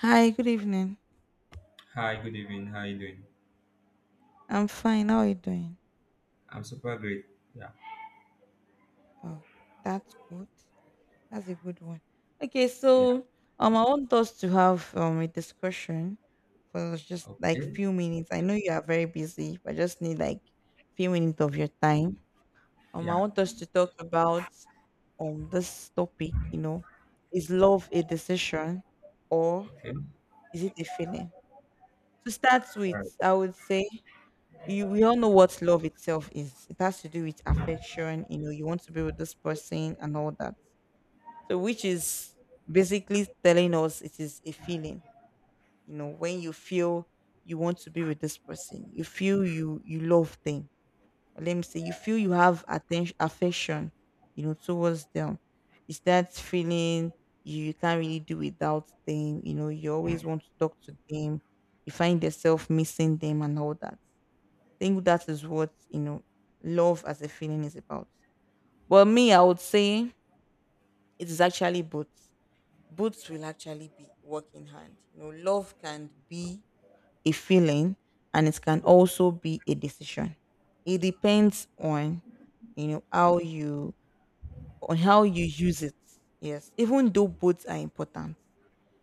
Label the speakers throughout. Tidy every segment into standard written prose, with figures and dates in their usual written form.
Speaker 1: Hi, good evening.
Speaker 2: Hi, good evening. How are you doing?
Speaker 1: I'm fine. How are you doing?
Speaker 2: I'm super great. Yeah,
Speaker 1: Oh, that's good. That's a good one. Okay,
Speaker 2: yeah,
Speaker 1: so I want us to have a discussion for just like
Speaker 2: okay,
Speaker 1: few minutes. I know you are very busy, but I just need like few minutes of your time. I
Speaker 2: yeah,
Speaker 1: want us to talk about this topic. Is love a decision or
Speaker 2: okay.
Speaker 1: is it a feeling? To start
Speaker 2: All right.
Speaker 1: with, I would say you we all know what love itself is. It has to do with affection, you want to be with this person and all that. So which is basically telling us it is a feeling. When you feel you want to be with this person, you feel you love them. Or let me say you feel you have attention affection, towards them. It's that feeling you can't really do without them, you always want to talk to them, you find yourself missing them and all that. Think that is what, love as a feeling is about. But me, I would say it is actually both. Both will actually be work in hand. Love can be a feeling and it can also be a decision. It depends on you know how you on how you use it. Yes, even though both are important,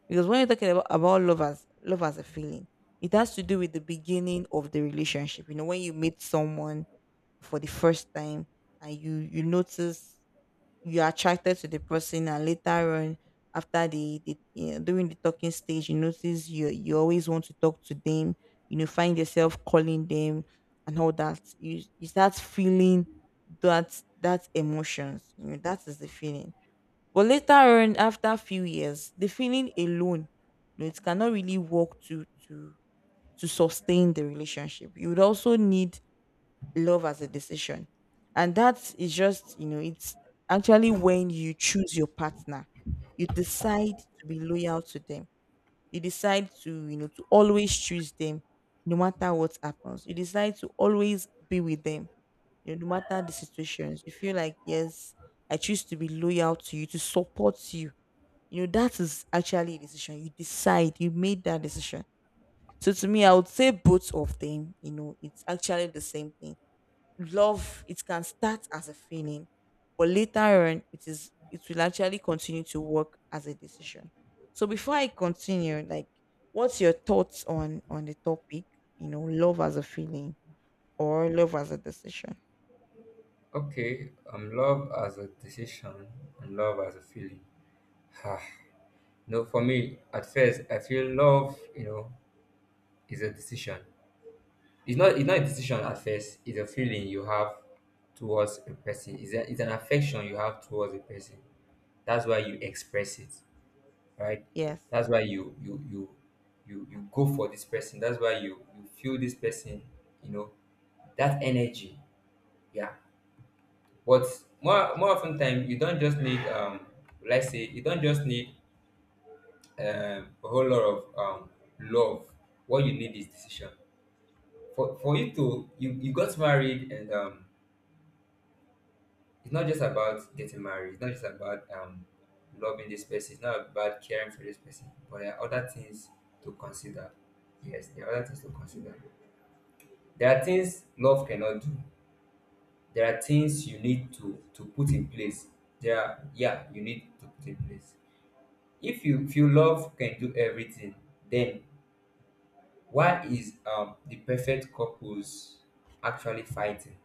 Speaker 1: because when you're talking about love as a feeling, it has to do with the beginning of the relationship. When you meet someone for the first time and you notice you're attracted to the person, and later on after the during the talking stage you notice you always want to talk to them, find yourself calling them and all that. You start feeling that emotions, that is the feeling. But later on, after a few years, the feeling alone it cannot really work to sustain the relationship. You would also need love as a decision. And that is just, it's actually when you choose your partner, you decide to be loyal to them. You decide to always choose them, no matter what happens. You decide to always be with them. No matter the situations. You feel like, yes, I choose to be loyal to you, to support you, that is actually a decision. You decide, you made that decision. So to me, I would say both of them, it's actually the same thing. Love, it can start as a feeling, but later on it will actually continue to work as a decision. So before I continue, like what's your thoughts on the topic, love as a feeling or love as a decision?
Speaker 2: Okay, love as a decision and love as a feeling. Ah, no, for me, at first, I feel love is a decision. It's not a decision at first. It's a feeling you have towards a person. It's an affection you have towards a person. That's why you express it. Right?
Speaker 1: Yes.
Speaker 2: That's why you go for this person. That's why you feel this person, you know, that energy. Yeah. But more often time you don't just need let's say you don't just need a whole lot of love. What you need is decision. For you to you got married and it's not just about getting married. It's not just about loving this person. It's not about caring for this person. But there are other things to consider. Yes, there are other things to consider. There are things love cannot do. There are things you need to put in place. There are yeah, you need to put in place. If you feel love can do everything, then why is the perfect couples actually fighting?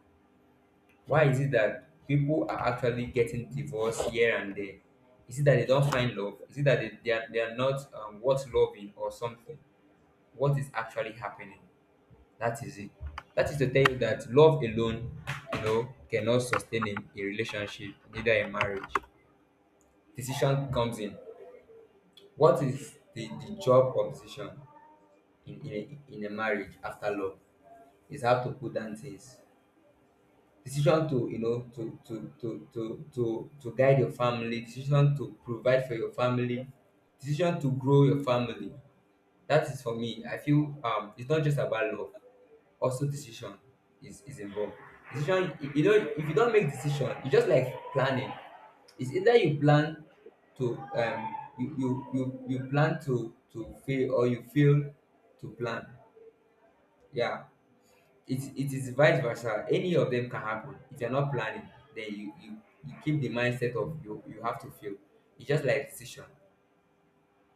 Speaker 2: Why is it that people are actually getting divorced here and there? Is it that they don't find love? Is it that they are not worth loving or something? What is actually happening? That is it. That is to tell you that love alone, you know, cannot sustain a relationship, neither a marriage. Decision comes in. What is the job of decision in a marriage after love? Is how to put down things, decision to you know to guide your family, decision to provide for your family, decision to grow your family. That is, for me, I feel it's not just about love, also decision is involved. Decision, you know, if you don't make decision, it's just like planning. It's either you plan to you plan to fail, or you fail to plan. Yeah, it is vice versa. Any of them can happen. If you're not planning, then you keep the mindset of you have to fail. It's just like decision.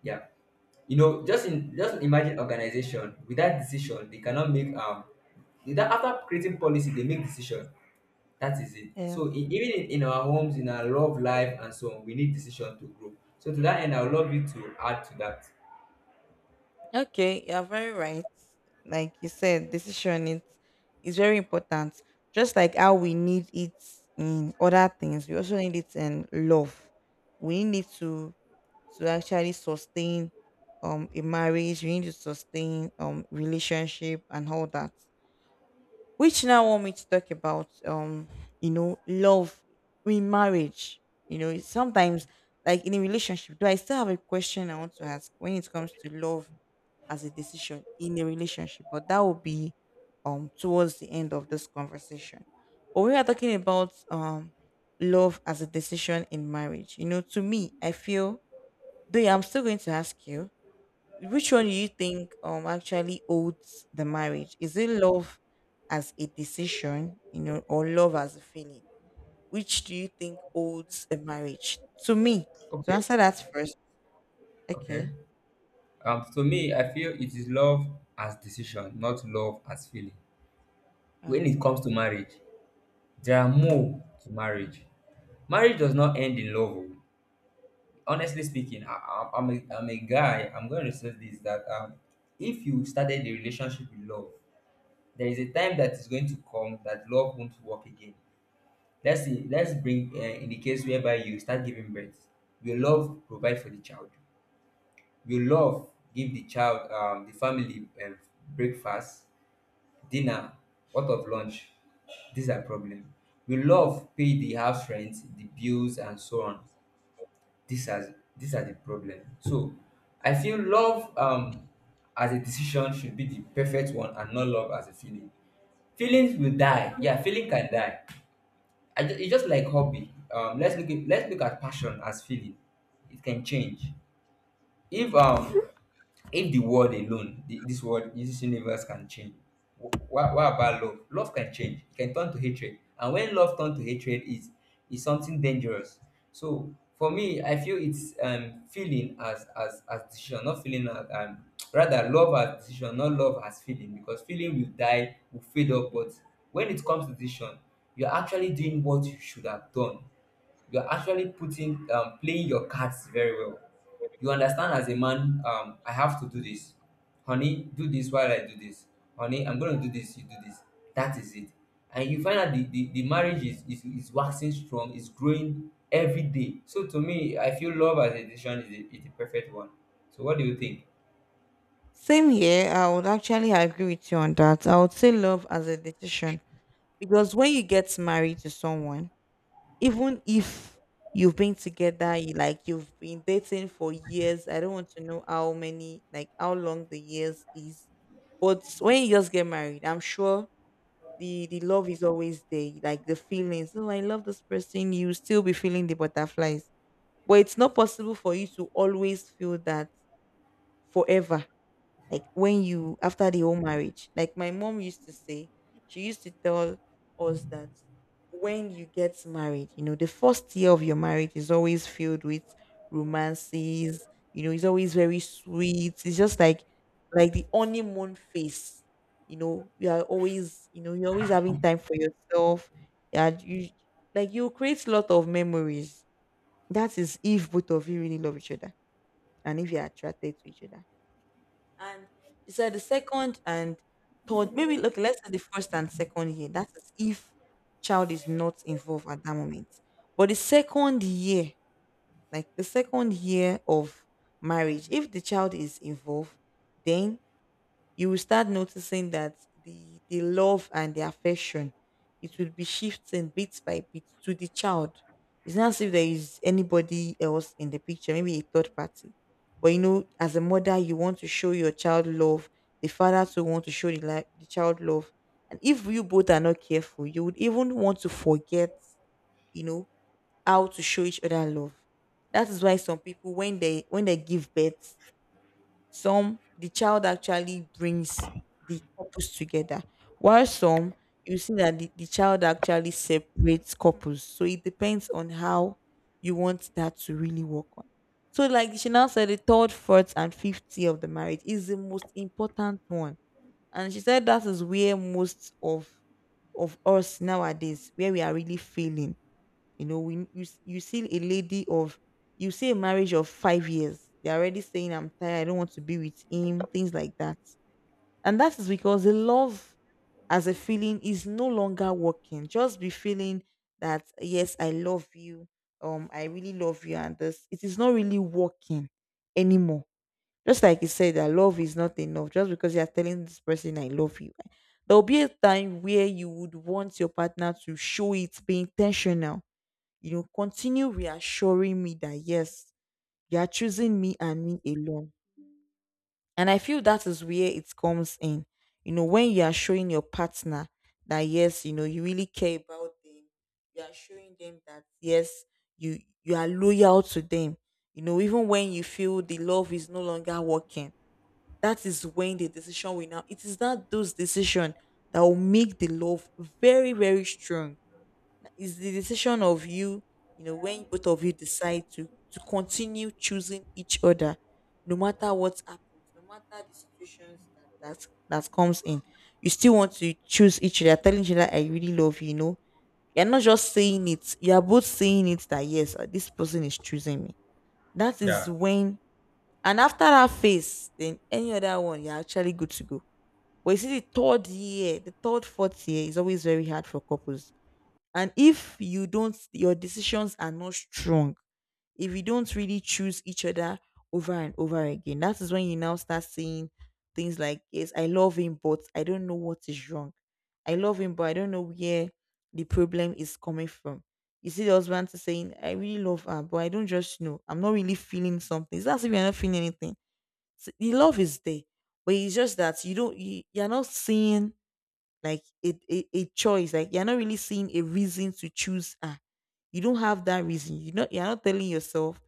Speaker 2: Yeah. You know, just in just imagine organization without decision, they cannot make without after creating policy, they make decision. That is it.
Speaker 1: Yeah.
Speaker 2: So even in our homes, in our love life and so on, we need decision to grow. So to that end, I would love you to add to that.
Speaker 1: Okay, you're very right. Like you said, decision, it is very important. Just like how we need it in other things, we also need it in love. We need to actually sustain a marriage, we need to sustain relationship and all that. Which now want me to talk about love in marriage. It's sometimes like in a relationship, do I still have a question I want to ask when it comes to love as a decision in a relationship. But that will be towards the end of this conversation. But we are talking about love as a decision in marriage. To me, I feel, though I'm still going to ask you, which one do you think actually holds the marriage? Is it love as a decision, or love as a feeling? Which do you think holds a marriage? To me, to
Speaker 2: Okay.
Speaker 1: answer that first,
Speaker 2: Okay.
Speaker 1: okay.
Speaker 2: To me, I feel it is love as decision, not love as feeling. When it
Speaker 1: Okay.
Speaker 2: comes to marriage, there are more to marriage. Marriage does not end in love. Oh, honestly speaking, I'm a guy. I'm going to say this that if you started the relationship with love, there is a time that is going to come that love won't work again. Let's see, let's bring in the case whereby you start giving birth. Will love provide for the child? Will love give the child the family breakfast? Dinner? What of lunch? These are problem. We love pay the house rent, the bills and so on. These are the problem. So I feel love as a decision should be the perfect one and not love as a feeling. Feelings will die. Yeah, feeling can die. It's just like hobby. Let's look at passion as feeling. It can change. If um if the world alone this world this universe can change, what about love? Love can change. It can turn to hatred, and when love turns to hatred, is something dangerous. So for me, I feel it's feeling as decision, not feeling as rather love as decision not love as feeling, because feeling will die, will fade up. But when it comes to decision, you're actually doing what you should have done. You're actually putting playing your cards very well. You understand, as a man, I have to do this. Honey, do this while I do this. Honey, I'm gonna do this, you do this. That is it. And you find out the marriage is, is waxing strong, is growing every day. So to me, I feel love as a decision is is the perfect one. So what do you think?
Speaker 1: Same here. I would actually agree with you on that. I would say love as a decision, because when you get married to someone, even if you've been together, you like you've been dating for years. I don't want to know how many, like how long the years is, but when you just get married, I'm sure the love is always there, like the feelings. Oh, I love this person. You still be feeling the butterflies, but it's not possible for you to always feel that forever, like when you after the whole marriage. Like my mom used to say, she used to tell us that when you get married, the first year of your marriage is always filled with romances. You know, it's always very sweet. It's just like the honeymoon phase. You are always, you're always having time for yourself. And you create a lot of memories. That is if both of you really love each other and if you're attracted to each other. And she said the second and third, maybe look, let's say the first and second year. That is if child is not involved at that moment. But the second year, like the second year of marriage, if the child is involved, then you will start noticing that the love and the affection, it will be shifting bit by bit to the child. It's not as if there is anybody else in the picture, maybe a third party. But as a mother, you want to show your child love. The father too want to show the child love. And if you both are not careful, you would even want to forget, you know, how to show each other love. That is why some people, when they give birth, some the child actually brings the couples together, while some you see that the child actually separates couples. So it depends on how you want that to really work on. So, like she now said, the third, fourth, and fifth year of the marriage is the most important one. And she said that is where most of us nowadays, where we are really failing. You see a lady of you see a marriage of 5 years. They're already saying, I'm tired, I don't want to be with him, things like that. And that is because the love as a feeling is no longer working. Just be feeling that yes, I love you. I really love you, and this it is not really working anymore. Just like you said, that love is not enough. Just because you are telling this person I love you, there will be a time where you would want your partner to show it, be intentional, continue reassuring me that yes, you are choosing me and me alone. And I feel that is where it comes in. When you are showing your partner that yes, you really care about them, you are showing them that yes, you are loyal to them. Even when you feel the love is no longer working, that is when the decision will now. It is not those decision that will make the love very, very strong. It's the decision of you, when both of you decide to continue choosing each other, no matter what happens, no matter the situations that comes in. You still want to choose each other, telling each other, "I really love you." You're not just saying it; you are both saying it that yes, this person is choosing me. That is
Speaker 2: Yeah.
Speaker 1: when, and after that phase, then any other one, you're actually good to go. But you see, the third year, the third, fourth year is always very hard for couples, and if you don't, your decisions are not strong, if you don't really choose each other over and over again, that is when you now start saying things like, yes, I love him, but I don't know what is wrong. I love him, but I don't know where the problem is coming from. You see the husband saying, I really love her, but I don't just know. I'm not really feeling something. It's as if you're not feeling anything. The love is there, but it's just that you don't, you, you're not seeing like a choice, like you're not really seeing a reason to choose. You don't have that reason, you're not telling yourself.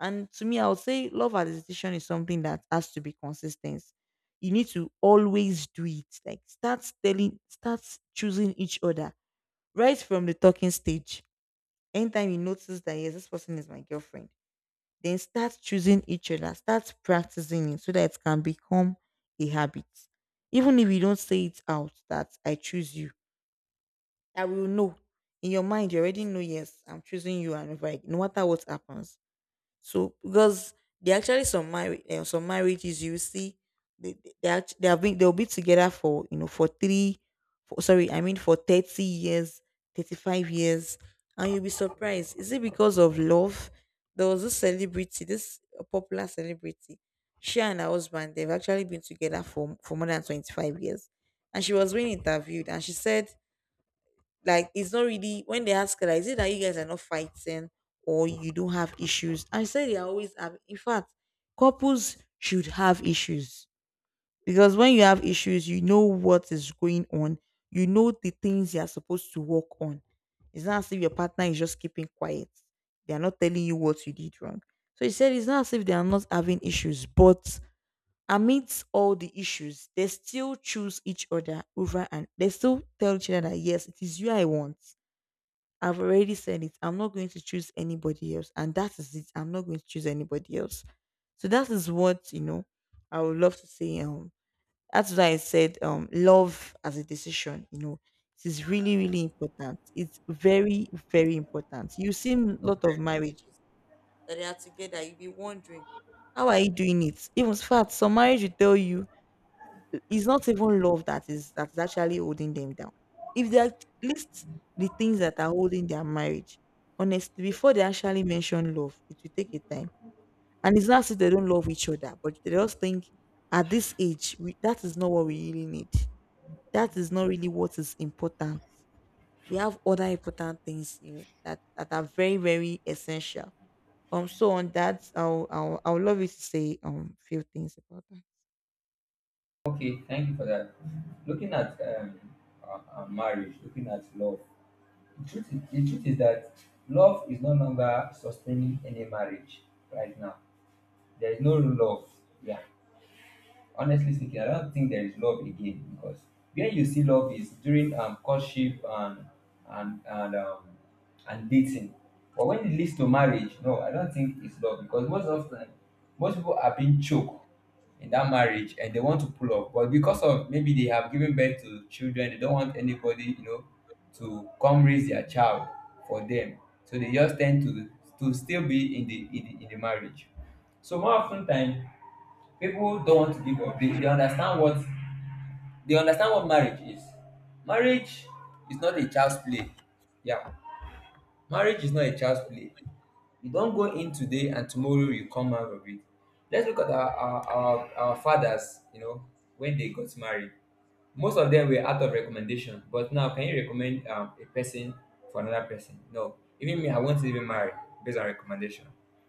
Speaker 1: And to me, I would say love as a decision is something that has to be consistent. You need to always do it, like start choosing each other right from the talking stage. Anytime you notice that yes, this person is my girlfriend, then start choosing each other, start practicing it so that it can become a habit. Even if you don't say it out that I choose you, I will know. In your mind, you already know, yes, I'm choosing you, and if I, no matter what happens. So, because there are actually some marriages you will see, they, act- they have been they'll be together for you know for three, for, sorry, I mean for 30 years, 35 years, and you'll be surprised. Is it because of love? There was this popular celebrity. She and her husband, they've actually been together for more than 25 years, and she was being interviewed, and she said, like, it's not really, when they ask her, like, is it that you guys are not fighting or you don't have issues? I said they always have. In fact, couples should have issues. Because when you have issues, you know what is going on. You know the things you are supposed to work on. It's not as if your partner is just keeping quiet. They are not telling you what you did wrong. So he said it's not as if they are not having issues, but amidst all the issues, they still choose each other over, and they still tell each other that, yes, it is you I want. I've already said it. I'm not going to choose anybody else. And that is it. I'm not going to choose anybody else. So that is what, I would love to say. That's why I said love as a decision, it is really, really important. It's very, very important. You see a lot of marriages that they are together, you'll be wondering, how are you doing it? Even, in fact, some marriage will tell you it's not even love that is actually holding them down. If they at least The things that are holding their marriage, honestly, before they actually mention love, it will take a time. And it's not as if they don't love each other, but they just think at this age, that is not what we really need. That is not really what is important. We have other important things, that are very, very essential. So on that, I'll love you to say few things about that.
Speaker 2: Okay, thank you for that. Looking at marriage, looking at love, the truth is that love is no longer sustaining any marriage right now. There is no rule of yeah honestly speaking, I don't think there is love again, because where you see love is during courtship and and and um and dating. But when it leads to marriage, no, I don't think it's love, because most often most people are being choked in that marriage and they want to pull up. But because of maybe they have given birth to children, they don't want anybody, you know, to come raise their child for them. So they just tend to still be in the in the marriage. So more often time people don't want to give up. They understand what marriage is. Marriage is not a child's play. Yeah, marriage is not a child's play. You don't go in today and tomorrow you come out of it. Let's look at our fathers, you know, when they got married, most of them were out of recommendation. But now, can you recommend a person for another person? No, even me, I won't even marry based on recommendation,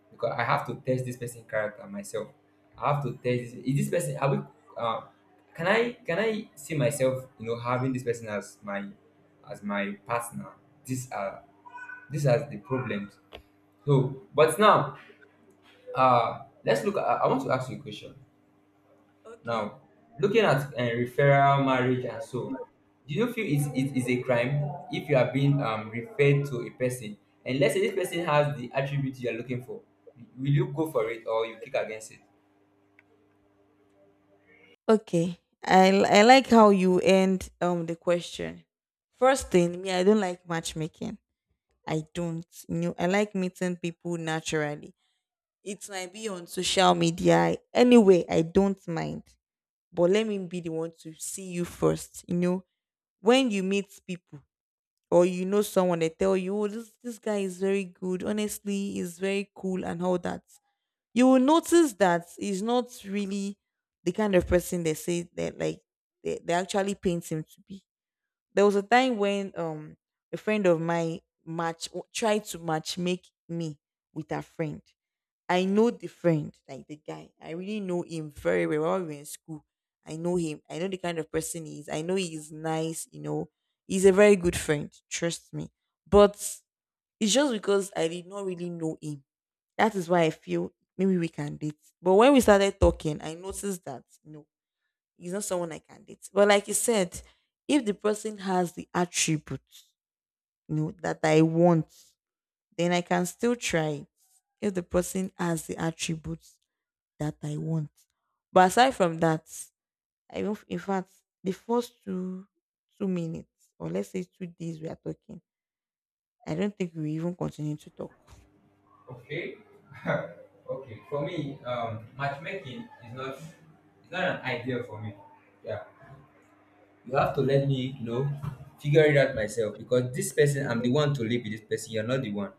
Speaker 2: because I have to test this person's character myself. I have to test this. Is this person? Are we? Uh, can I see myself, you know, having this person as my partner? These are these are the problems. So, but now, let's look. At, I want to ask you a question.
Speaker 1: Okay.
Speaker 2: Now, looking at referral marriage and so, do you feel it, it is a crime if you are being referred to a person and let's say this person has the attribute you are looking for? Will you go for it, or you kick against it?
Speaker 1: Okay. I like how you end the question. First thing, me, I don't like matchmaking. I don't. I like meeting people naturally. It might be on social media. Anyway, I don't mind. But let me be the one to see you first. When you meet people or you know someone, they tell you, oh, this guy is very good. Honestly, he's very cool and all that. You will notice that he's not really the kind of person they say that, like, they actually paint him to be. There was a time when a friend of mine match tried to match make me with a friend. I know the friend, like the guy. I really know him very well. When we were in school, I know him. I know the kind of person he is. I know he is nice. He's a very good friend. Trust me. But it's just because I did not really know him, that is why I feel maybe we can date. But when we started talking, I noticed that no, he's not someone I can date. But like you said, if the person has the attributes, that I want, then I can still try it. If the person has the attributes that I want. But aside from that, I don't in fact the first two minutes, or let's say 2 days, we are talking, I don't think we even continue to talk.
Speaker 2: Okay. Okay. For me, matchmaking is not, it's not an idea for me. Yeah. You have to let me, you know, figure it out myself, because this person, I'm the one to live with this person. You're not the one.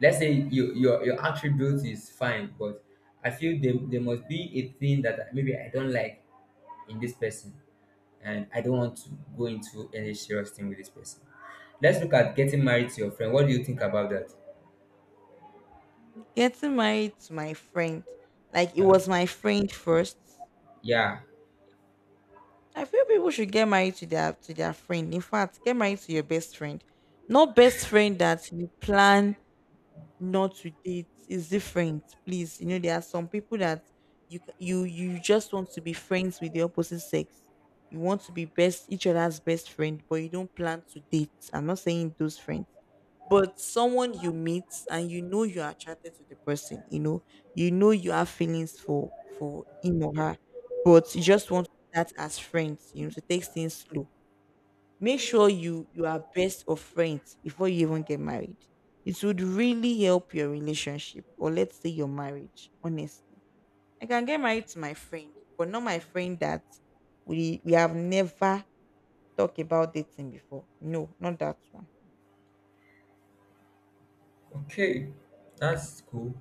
Speaker 2: Let's say your attribute is fine, but I feel there must be a thing that maybe I don't like in this person, and I don't want to go into any serious thing with this person. Let's look at getting married to your friend. What do you think about that?
Speaker 1: Getting married to my friend, like it
Speaker 2: Yeah,
Speaker 1: was my friend first.
Speaker 2: yeah,
Speaker 1: I feel people should get married to their friend. In fact, get married to your best friend. Not best friend that you plan not to date is different, please. You know, there are some people that you c- you just want to be friends with the opposite sex. You want to be best each other's best friend, but you don't plan to date. I'm not saying those friends. But someone you meet, and you know you are attracted to the person, you know you have feelings for him or her, but you just want to start as friends, to take things slow. Make sure you are best of friends before you even get married. It would really help your relationship, or let's say your marriage, honestly. I can get married to my friend, but not my friend that we have never talked about dating before. No, not that one.
Speaker 2: okay, that's cool.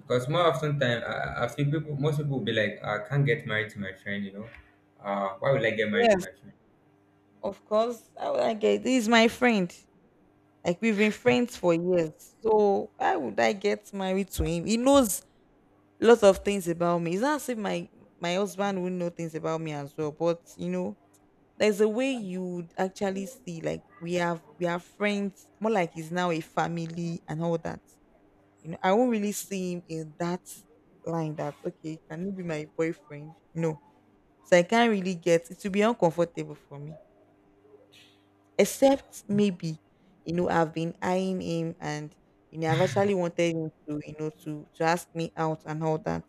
Speaker 2: Because more often time, I feel most people will be like, "Ah, I can't get married to my friend. You know, why would I get married to
Speaker 1: Yes,
Speaker 2: my friend?"
Speaker 1: of course. How would I get This is my friend. Like we've been friends for years. So why would I get married to him? He knows lots of things about me. It's not as if my husband would know things about me as well. But there's a way you would actually see, like, we have friends more like he's now a family and all that. I won't really see him in that line that, okay, can you be my boyfriend? No. So I can't really get it will be uncomfortable for me, except maybe, I've been eyeing him, and I've actually wanted him to to ask me out and all that,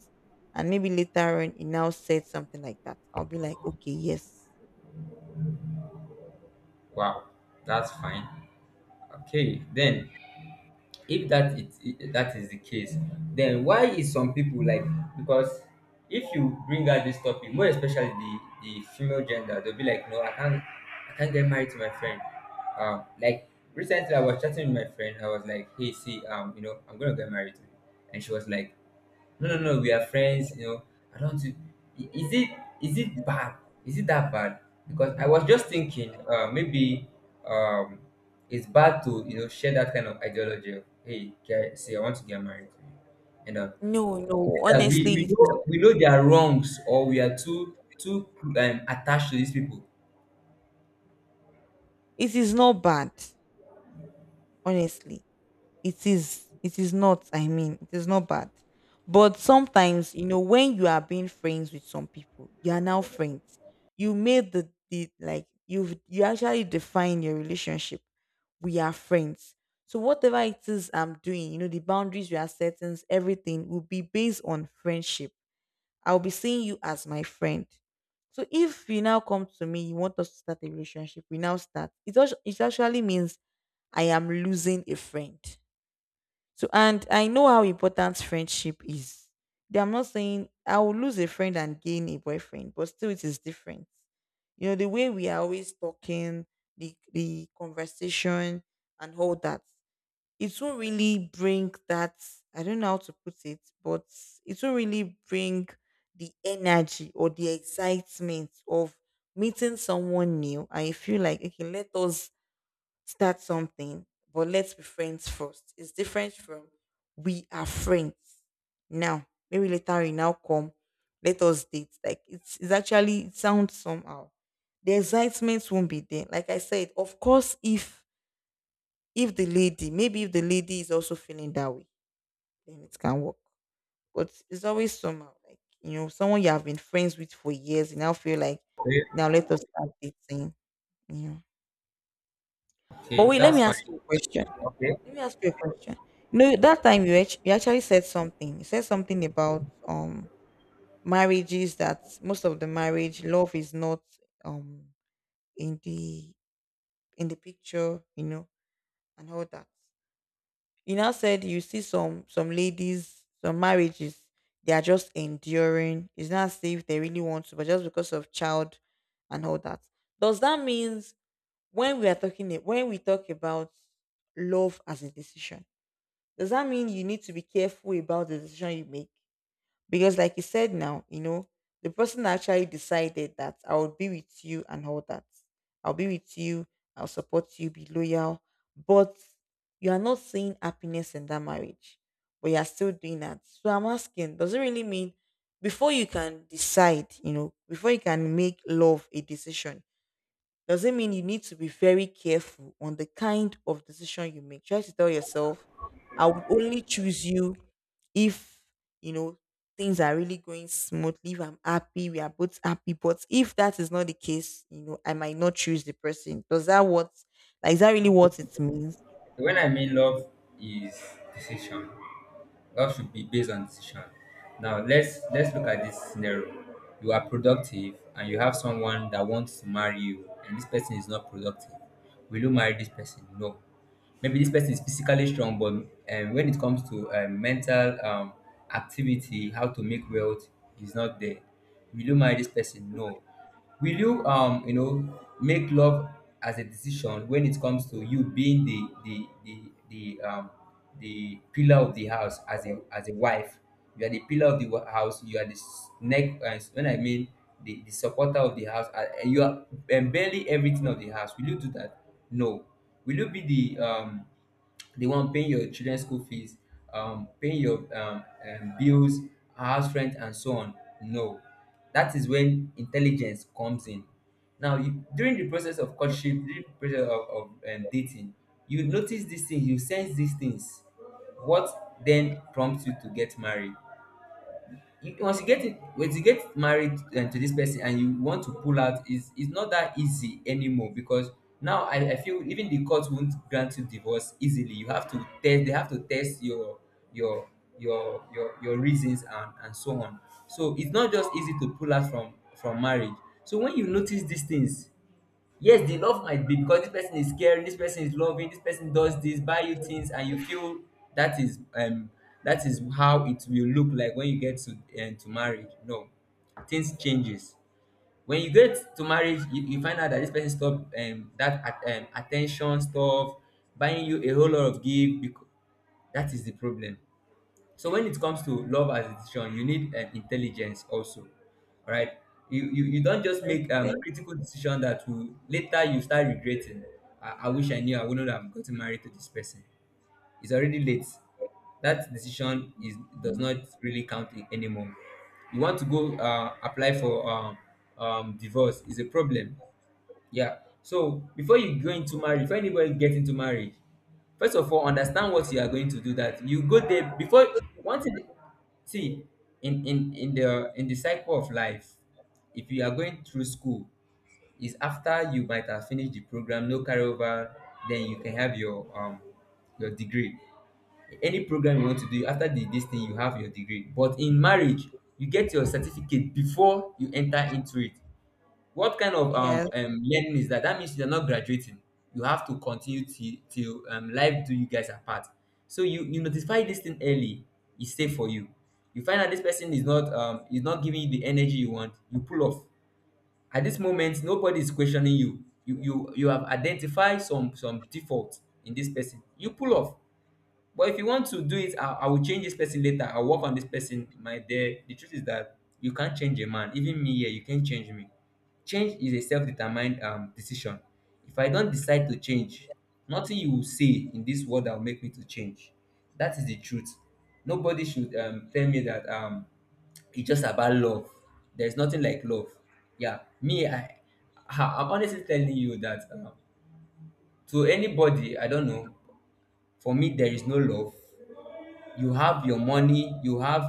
Speaker 1: and maybe later on he now said something like that, I'll be like, okay, yes.
Speaker 2: Wow, that's fine. Okay, then if that is the case, then why is some people like, because if you bring out this topic, more especially the female gender, they'll be like, no, I can't get married to my friend. Like recently I was chatting with my friend, I was like, hey, see um, you know, I'm gonna get married to you. And she was like, no, no, no. We are friends. You know, I don't. Is it bad? Is it that bad? Because I was just thinking, maybe um, it's bad to you know share that kind of ideology. Of, hey, guy, say I want to get married to you. You know,
Speaker 1: no
Speaker 2: is
Speaker 1: no
Speaker 2: it that
Speaker 1: honestly
Speaker 2: we
Speaker 1: it is
Speaker 2: know their wrongs, or we are too attached to these people?
Speaker 1: It is not bad, honestly. It is not, I mean, it is not bad. But sometimes, when you are being friends with some people, you are now friends. You made the like you actually define your relationship. We are friends. So whatever it is I'm doing, the boundaries we are setting, everything will be based on friendship. I'll be seeing you as my friend. So if you now come to me, you want us to start a relationship, we now start. It, also, it actually means I am losing a friend. So, and I know how important friendship is. I'm not saying I will lose a friend and gain a boyfriend, but still it is different. The way we are always talking, the conversation, and all that, it won't really bring that. I don't know how to put it, but it won't really bring the energy or the excitement of meeting someone new. I feel like, okay, let us start something, but let's be friends first. It's different from, we are friends now, maybe later we now come, let us date. Like, it's actually, it sounds somehow. The excitement won't be there. Like I said, of course, if the lady, maybe if the lady, is also feeling that way, then it can work. But it's always somehow like, someone you have been friends with for years, you now feel like,
Speaker 2: Okay,
Speaker 1: now let us start dating, you know. But
Speaker 2: okay,
Speaker 1: wait, let me
Speaker 2: that's
Speaker 1: ask
Speaker 2: fine.
Speaker 1: you a question.
Speaker 2: Okay,
Speaker 1: Let me ask you a question. You know, that time you, you actually said something. You said something about marriages, that most of the marriage love is not, um in the picture, and all that. You now said you see some ladies, some marriages, they are just enduring. It's not as if they really want to, but just because of child and all that. Does that means, when we are talking it when we talk about love as a decision, does that mean you need to be careful about the decision you make? Because like you said now, the person actually decided that I would be with you and all that. I'll be with you, I'll support you, be loyal. But you are not seeing happiness in that marriage. But you are still doing that. So I'm asking, does it really mean, before you can decide, before you can make love a decision, does it mean you need to be very careful on the kind of decision you make? Try to tell yourself, I would only choose you if you know things are really going smoothly, if I'm happy, we are both happy. But if that is not the case, I might not choose the person. Does that what, like, is that really what it means?
Speaker 2: so when I mean love is decision. Love should be based on decision. Now let's look at this scenario. You are productive and you have someone that wants to marry you, and this person is not productive. Will you marry this person? No. Maybe this person is physically strong, but when it comes to mental activity, how to make wealth, he's not there. Will you marry this person? No. Will you you know make love as a decision when it comes to you being the the pillar of the house, as a wife? You are the pillar of the house, you are the neck, when I mean the supporter of the house, and you are barely everything of the house. Will you do that? No. Will you be the one paying your children school fees, paying your bills, house rent and so on? No. That is when intelligence comes in. Now you, during the process of courtship, during the process of dating, you notice these things, you sense these things. What then prompts you to get married? Once you get it, once you get married to this person and you want to pull out, it's not that easy anymore, because now I feel even the court won't grant you divorce easily. You have to test, they have to test your, your your reasons, and so on. So it's not just easy to pull out from marriage. So when you notice these things. Yes, the love might be because this person is caring, this person is loving, this person does this, buy you things, and you feel that is um that is how it will look like when you get to marriage. No, things changes. When you get to marriage, you find out that this person stop attention stuff, buying you a whole lot of gift. Because that is the problem. So when it comes to love as a decision, you need intelligence also, right? You don't just
Speaker 1: Okay.
Speaker 2: make critical decision that will later you start regretting. I wish I knew, I wouldn't have gotten married to this person. It's already late. That decision is, does not really count anymore. You want to go apply for divorce is a problem. Yeah. So before you go into marriage, before anybody get into marriage, first of all, understand what you are going to do. That you go there before one thing. See, in the cycle of life, if you are going through school, is after you might have finished the program, no carryover, then you can have your degree. Any program you want to do after this thing, you have your degree. But in marriage, you get your certificate before you enter into it. What kind of
Speaker 1: Yes.
Speaker 2: learning is that? That means you're not graduating. You have to continue till life do you guys apart. So you notify this thing early. It's safe for you. You find out this person is not giving you the energy you want. You pull off. At this moment, nobody is questioning you. You have identified some default in this person. You pull off. But if you want to do it, I will change this person later. I'll work on this person. My dear, the truth is that you can't change a man. Even me here, you can't change me. Change is a self-determined decision. If I don't decide to change, nothing you will say in this world that will make me to change. That is the truth. Nobody should tell me that it's just about love. There's nothing like love. Yeah, me, I'm honestly telling you that to anybody, I don't know. For me, there is no love. You have your money, you have,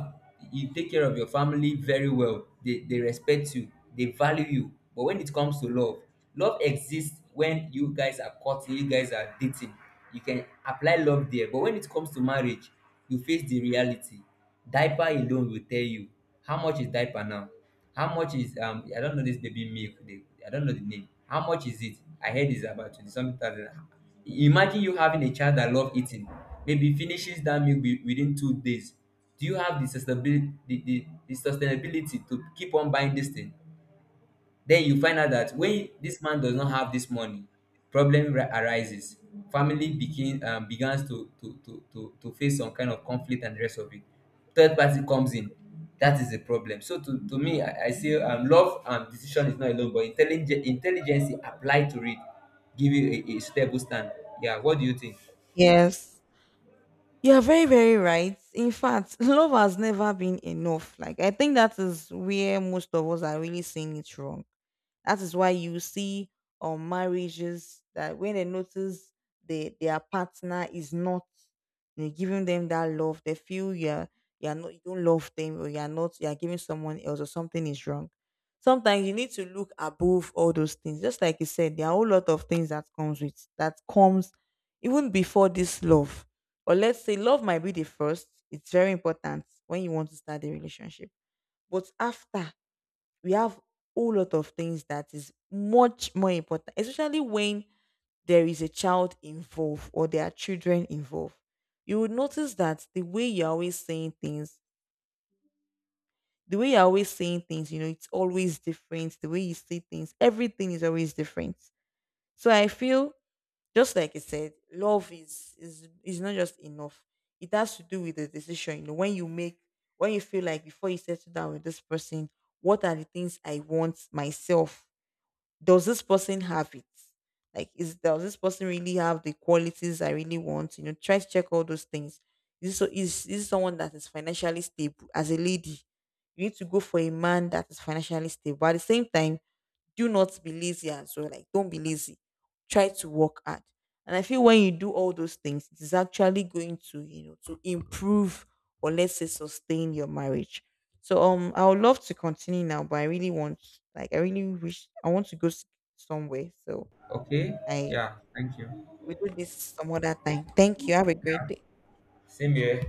Speaker 2: you take care of your family very well, they respect you, they value you. But when it comes to love, love exists when you guys are courting, you guys are dating. You can apply love there, but when it comes to marriage, you face the reality. Diaper alone will tell you how much is diaper now. How much is I don't know, this baby milk. I don't know the name. How much is it? I heard it's about twenty something thousand. Imagine you having a child that love eating, maybe finishes that milk within 2 days. Do you have the sustainability, the sustainability to keep on buying this thing? Then you find out that when this man does not have this money, problem arises, family begins to, to face some kind of conflict and the rest of it. Third party comes in. That is the problem. So to me, I say, love and decision is not alone, but intelligence, intelligence applied to it give you a stable stand. Yeah, what do you think?
Speaker 1: Yes. You're very, very right. In fact, love has never been enough. Like, I think that is where most of us are really seeing it wrong. That is why you see on marriages that when they notice their partner is not, giving them that love, they feel you're not, you don't love them, or you're not, you're giving someone else, or something is wrong. Sometimes you need to look above all those things. Just like you said, there are a whole lot of things that comes with, that comes even before this love, or let's say love might be the first. It's very important when you want to start a relationship. But after, we have a whole lot of things that is much more important, especially when there is a child involved, or there are children involved. You would notice that the way you're always saying things, it's always different. The way you see things, everything is always different. So I feel, just like I said, love is not just enough. It has to do with the decision. You know, when you feel like, before you settle down with this person, what are the things I want myself? Does this person have it? Like, is does this person really have the qualities I really want? You know, try to check all those things. Is someone that is financially stable? As a lady, you need to go for a man that is financially stable. But at the same time, do not be lazy as well. Like, don't be lazy. Try to work hard. And I feel when you do all those things, it is actually going to, to improve, or let's say sustain, your marriage. So I would love to continue now, but I really want, like, I really wish I want to go somewhere. So
Speaker 2: Okay.
Speaker 1: I
Speaker 2: Yeah, thank you.
Speaker 1: will do this some other time. Thank you. Have a great day.
Speaker 2: Same here.